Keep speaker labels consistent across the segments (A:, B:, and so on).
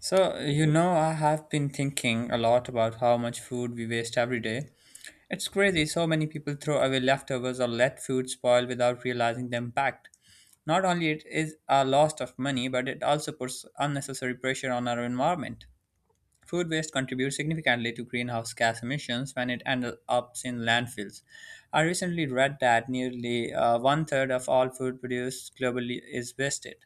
A: So, you know, I have been thinking a lot about how much food we waste every day. It's crazy, so many people throw away leftovers or let food spoil without realizing the impact. Not only it is a loss of money, but it also puts unnecessary pressure on our environment. Food waste contributes significantly to greenhouse gas emissions when it ends up in landfills. I recently read that nearly one third of all food produced globally is wasted.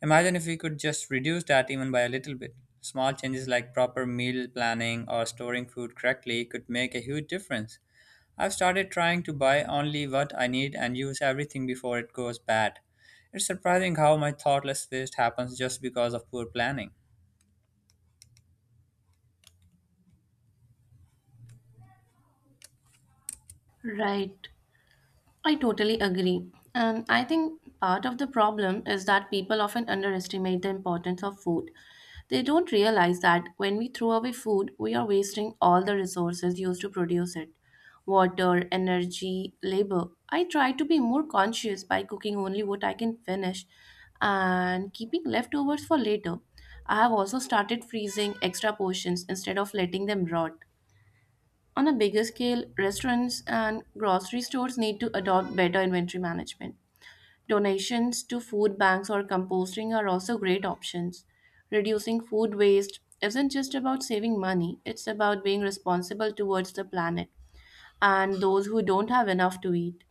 A: Imagine if we could just reduce that even by a little bit. Small changes like proper meal planning or storing food correctly could make a huge difference. I've started trying to buy only what I need and use everything before it goes bad. It's surprising how my thoughtless waste happens just because of poor planning.
B: Right. I totally agree. And I think part of the problem is that people often underestimate the importance of food. They don't realize that when we throw away food, we are wasting all the resources used to produce it water, energy, labor. I try to be more conscious by cooking only what I can finish and keeping leftovers for later. I have also started freezing extra portions instead of letting them rot. On a bigger scale, restaurants and grocery stores need to adopt better inventory management. Donations to food banks or composting are also great options. Reducing food waste isn't just about saving money, it's about being responsible towards the planet and those who don't have enough to eat.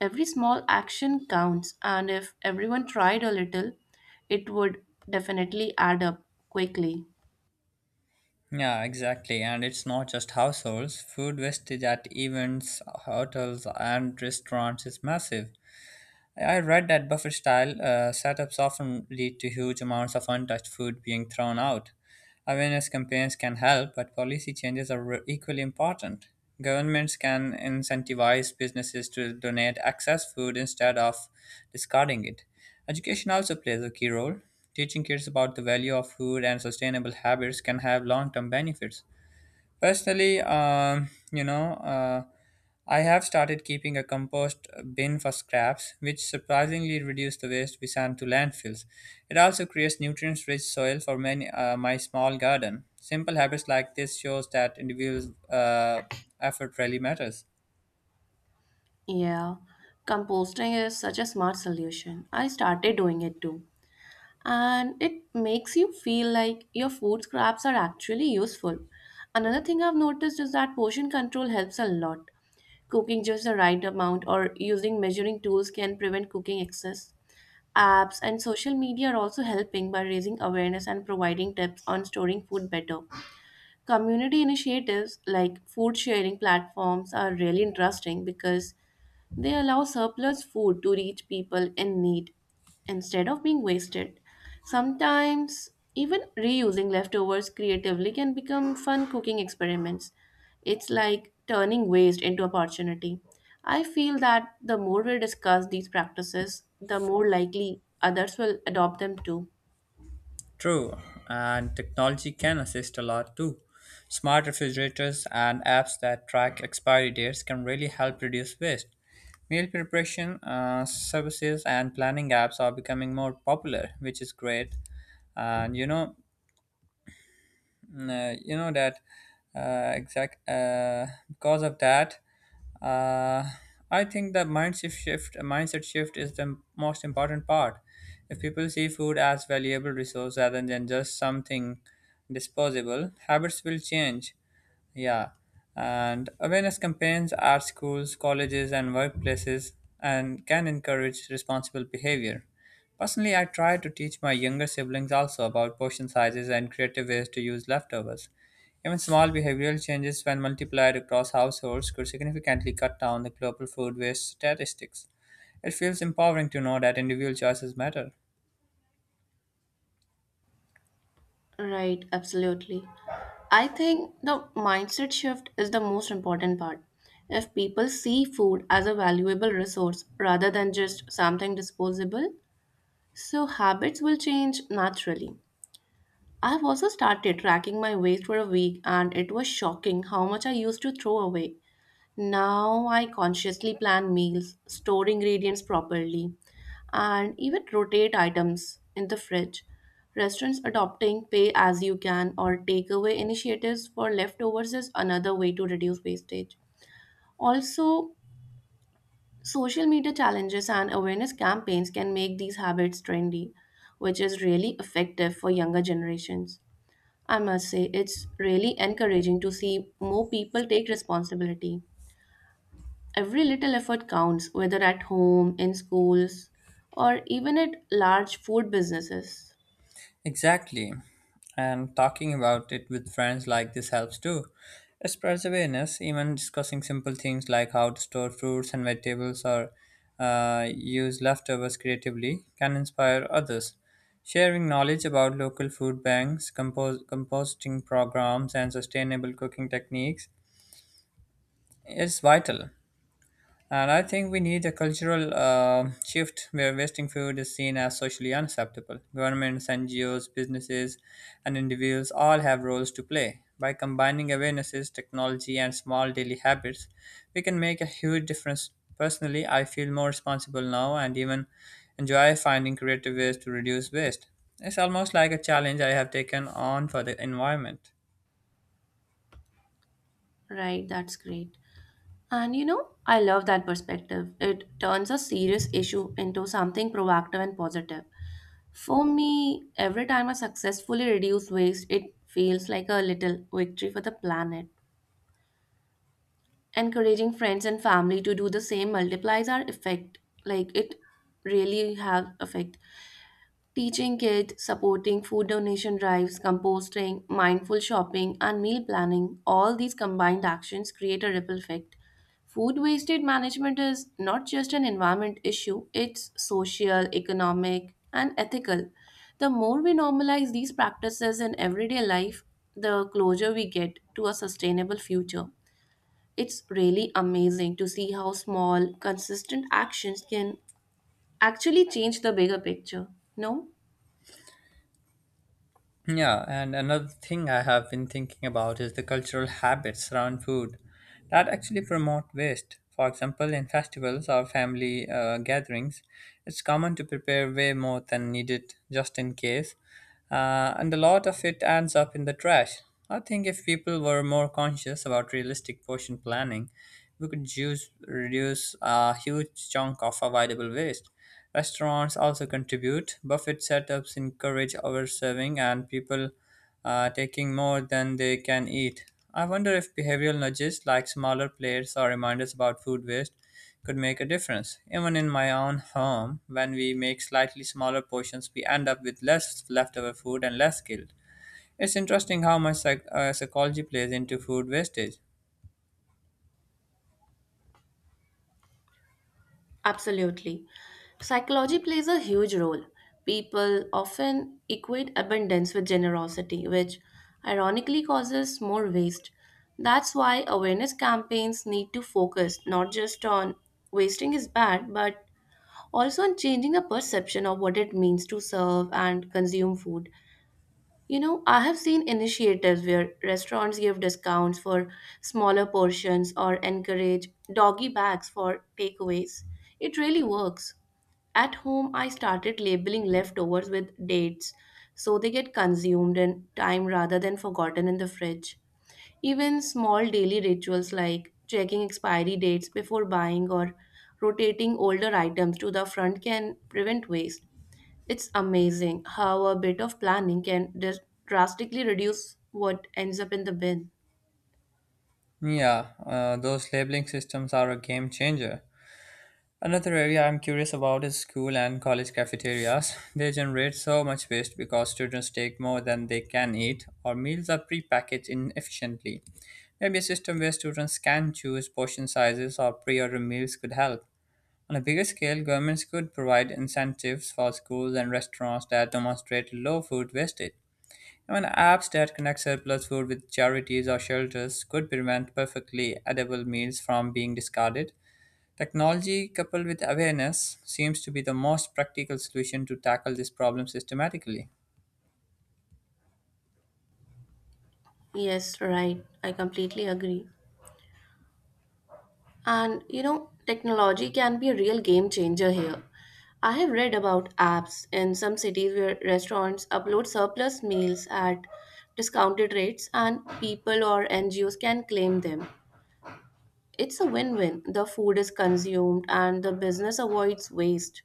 B: Every small action counts, and if everyone tried a little, it would definitely add up quickly.
A: Yeah, exactly. And it's not just households. Food wastage at events, hotels, and restaurants is massive. I read that buffet style setups often lead to huge amounts of untouched food being thrown out. Awareness campaigns can help, but policy changes are equally important. Governments can incentivize businesses to donate excess food instead of discarding it. Education also plays a key role. Teaching kids about the value of food and sustainable habits can have long term benefits. Personally, I have started keeping a compost bin for scraps, which surprisingly reduce the waste we send to landfills. It also creates nutrient-rich soil for many, my small garden. Simple habits like this shows that individual effort really matters.
B: Yeah, composting is such a smart solution. I started doing it too, and it makes you feel like your food scraps are actually useful. Another thing I've noticed is that portion control helps a lot. Cooking just the right amount or using measuring tools can prevent cooking excess. Apps and social media are also helping by raising awareness and providing tips on storing food better. Community initiatives like food sharing platforms are really interesting because they allow surplus food to reach people in need instead of being wasted. Sometimes, even reusing leftovers creatively can become fun cooking experiments. It's like turning waste into opportunity. I feel that the more we discuss these practices, the more likely others will adopt them too.
A: True, and technology can assist a lot too. Smart refrigerators and apps that track expiry dates can really help reduce waste. Meal preparation services and planning apps are becoming more popular, which is great. And you know, Mm, you know that exact because of that, uh, I think mindset shift is the most important part. If people see food as valuable resource rather than just something disposable, habits will change. Yeah, and awareness campaigns at schools, colleges, and workplaces and can encourage responsible behavior. Personally, I try to teach my younger siblings also about portion sizes and creative ways to use leftovers. Even small behavioral changes, when multiplied across households, could significantly cut down the global food waste statistics. It feels empowering to know that individual choices matter.
B: Right, absolutely. I think the mindset shift is the most important part. If people see food as a valuable resource rather than just something disposable, so habits will change naturally. I've also started tracking my waste for a week and it was shocking how much I used to throw away. Now I consciously plan meals, store ingredients properly, and even rotate items in the fridge. Restaurants adopting pay as you can or takeaway initiatives for leftovers is another way to reduce wastage. Also, social media challenges and awareness campaigns can make these habits trendy, which is really effective for younger generations. I must say, it's really encouraging to see more people take responsibility. Every little effort counts, whether at home, in schools, or even at large food businesses.
A: Exactly. And talking about it with friends like this helps too. It spreads awareness, even discussing simple things like how to store fruits and vegetables or use leftovers creatively can inspire others. Sharing knowledge about local food banks, composting programs, and sustainable cooking techniques is vital. And I think we need a cultural shift where wasting food is seen as socially unacceptable. Governments, NGOs, businesses, and individuals all have roles to play. By combining awarenesses, technology, and small daily habits, we can make a huge difference. Personally, I feel more responsible now and even enjoy finding creative ways to reduce waste. It's almost like a challenge I have taken on for the environment.
B: Right, that's great. And you know, I love that perspective. It turns a serious issue into something proactive and positive. For me, every time I successfully reduce waste, it feels like a little victory for the planet. Encouraging friends and family to do the same multiplies our effect. Like it really have effect. Teaching kids, supporting food donation drives, composting, mindful shopping, and meal planning, all these combined actions create a ripple effect. Food wastage management is not just an environment issue, it's social, economic, and ethical. The more we normalize these practices in everyday life, the closer we get to a sustainable future. It's really amazing to see how small, consistent actions can actually change the bigger picture. No?
A: Yeah, and another thing I have been thinking about is the cultural habits around food that actually promote waste. For example, in festivals or family gatherings, it's common to prepare way more than needed just in case, and a lot of it ends up in the trash. I think if people were more conscious about realistic portion planning, we could use, reduce a huge chunk of avoidable waste. Restaurants also contribute. Buffet setups encourage overserving and people taking more than they can eat. I wonder if behavioral nudges like smaller plates or reminders about food waste could make a difference. Even in my own home, when we make slightly smaller portions, we end up with less leftover food and less guilt. It's interesting how much psychology plays into food wastage.
B: Absolutely. Psychology plays a huge role. People often equate abundance with generosity, which ironically causes more waste. That's why awareness campaigns need to focus not just on wasting is bad, but also on changing the perception of what it means to serve and consume food. You know, I have seen initiatives where restaurants give discounts for smaller portions or encourage doggy bags for takeaways. It really works. At home, I started labeling leftovers with dates so they get consumed in time rather than forgotten in the fridge. Even small daily rituals like checking expiry dates before buying or rotating older items to the front can prevent waste. It's amazing how a bit of planning can drastically reduce what ends up in the bin.
A: Yeah, those labeling systems are a game changer. Another area I'm curious about is school and college cafeterias. They generate so much waste because students take more than they can eat, or meals are prepackaged inefficiently. Maybe a system where students can choose portion sizes or pre order meals could help. On a bigger scale, governments could provide incentives for schools and restaurants that demonstrate low food wastage. Even apps that connect surplus food with charities or shelters could prevent perfectly edible meals from being discarded. Technology coupled with awareness seems to be the most practical solution to tackle this problem systematically.
B: Yes, right. I completely agree. And you know, technology can be a real game changer here. I have read about apps in some cities where restaurants upload surplus meals at discounted rates and people or NGOs can claim them. It's a win win. The food is consumed and the business avoids waste.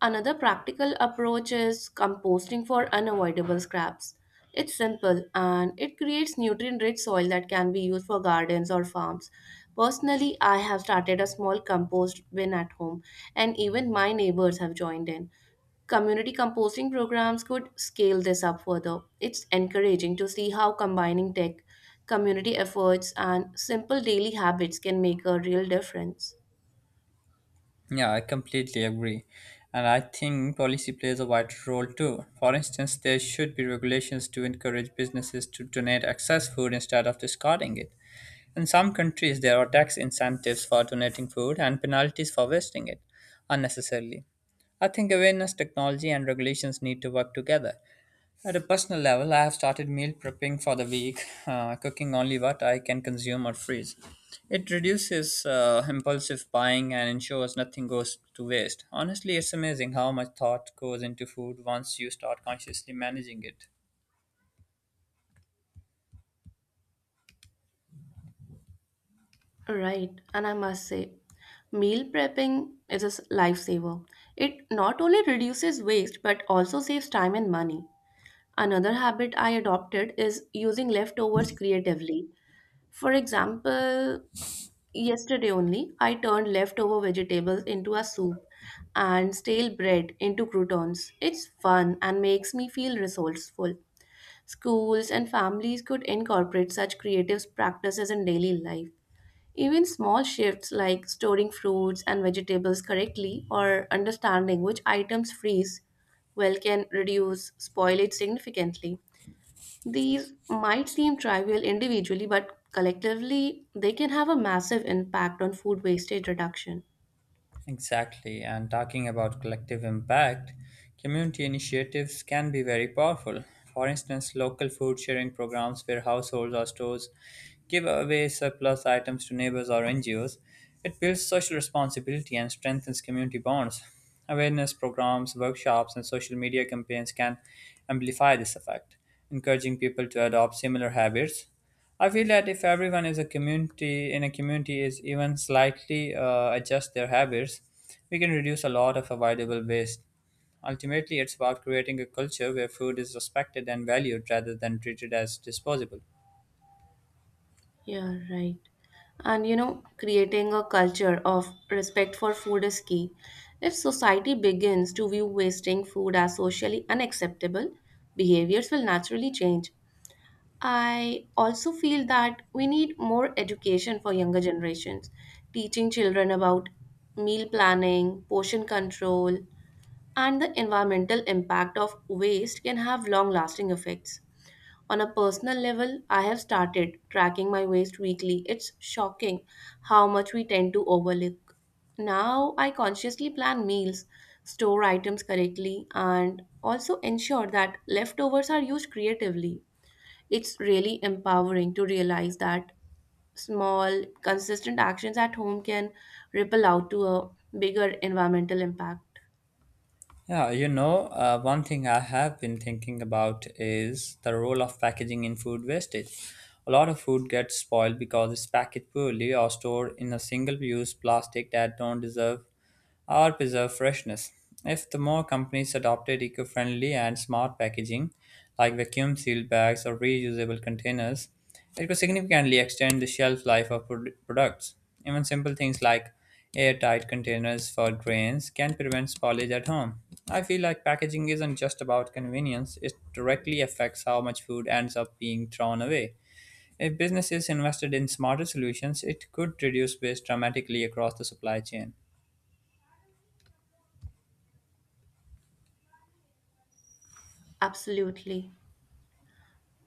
B: Another practical approach is composting for unavoidable scraps. It's simple and it creates nutrient rich soil that can be used for gardens or farms. Personally, I have started a small compost bin at home, and even my neighbors have joined in. Community composting programs could scale this up further. It's encouraging to see how combining tech, community efforts, and simple daily habits can make a real difference.
A: Yeah, I completely agree. And I think policy plays a vital role too. For instance, there should be regulations to encourage businesses to donate excess food instead of discarding it. In some countries, there are tax incentives for donating food and penalties for wasting it unnecessarily. I think awareness, technology, and regulations need to work together. At a personal level, I have started meal prepping for the week, cooking only what I can consume or freeze. It reduces impulsive buying and ensures nothing goes to waste. Honestly, it's amazing how much thought goes into food once you start consciously managing it.
B: Right, and I must say, meal prepping is a lifesaver. It not only reduces waste but also saves time and money. Another habit I adopted is using leftovers creatively. For example, yesterday only, I turned leftover vegetables into a soup and stale bread into croutons. It's fun and makes me feel resourceful. Schools and families could incorporate such creative practices in daily life. Even small shifts like storing fruits and vegetables correctly or understanding which items freeze well can reduce spoilage significantly. These might seem trivial individually, but collectively they can have a massive impact on food wastage reduction.
A: Exactly. And talking about collective impact, community initiatives can be very powerful. For instance, local food sharing programs where households or stores give away surplus items to neighbors or NGOs. It builds social responsibility and strengthens community bonds. Awareness programs, workshops, and social media campaigns can amplify this effect, encouraging people to adopt similar habits. I feel that if everyone is a community in a community is even slightly adjust their habits, we can reduce a lot of avoidable waste. Ultimately, it's about creating a culture where food is respected and valued rather than treated as disposable.
B: Yeah, right. And you know, creating a culture of respect for food is key. If society begins to view wasting food as socially unacceptable, behaviors will naturally change. I also feel that we need more education for younger generations, teaching children about meal planning, portion control, and the environmental impact of waste can have long lasting effects. On a personal level, I have started tracking my waste weekly. It's shocking how much we tend to overlook. Now I consciously plan meals, store items correctly, and also ensure that leftovers are used creatively. It's really empowering to realize that small, consistent actions at home can ripple out to a bigger environmental impact.
A: Yeah, you know, one thing I have been thinking about is the role of packaging in food wastage. A lot of food gets spoiled because it's packaged poorly or stored in a single-use plastic that don't deserve or preserve freshness. If the more companies adopted eco-friendly and smart packaging, like vacuum-sealed bags or reusable containers, it could significantly extend the shelf life of products. Even simple things like airtight containers for grains can prevent spoilage at home. I feel like packaging isn't just about convenience, it directly affects how much food ends up being thrown away. If businesses invested in smarter solutions, it could reduce waste dramatically across the supply chain.
B: Absolutely.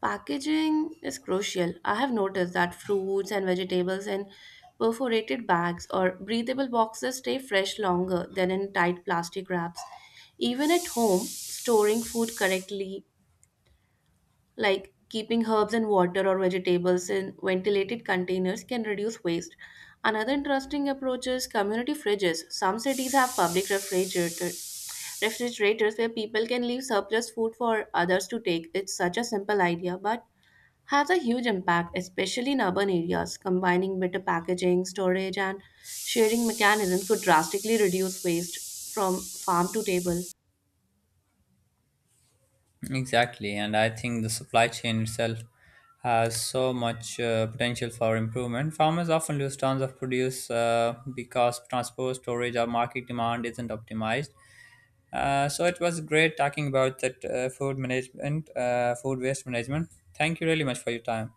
B: Packaging is crucial. I have noticed that fruits and vegetables in perforated bags or breathable boxes stay fresh longer than in tight plastic wraps. Even at home, storing food correctly like keeping herbs and water or vegetables in ventilated containers can reduce waste. Another interesting approach is community fridges. Some cities have refrigerators where people can leave surplus food for others to take. It's such a simple idea, but has a huge impact, especially in urban areas. Combining better packaging, storage, and sharing mechanisms could drastically reduce waste from farm to table.
A: Exactly, and I think the supply chain itself has so much potential for improvement. Farmers often lose tons of produce because transport, storage, or market demand isn't optimized. So it was great talking about that food management, food waste management. Thank you really much for your time.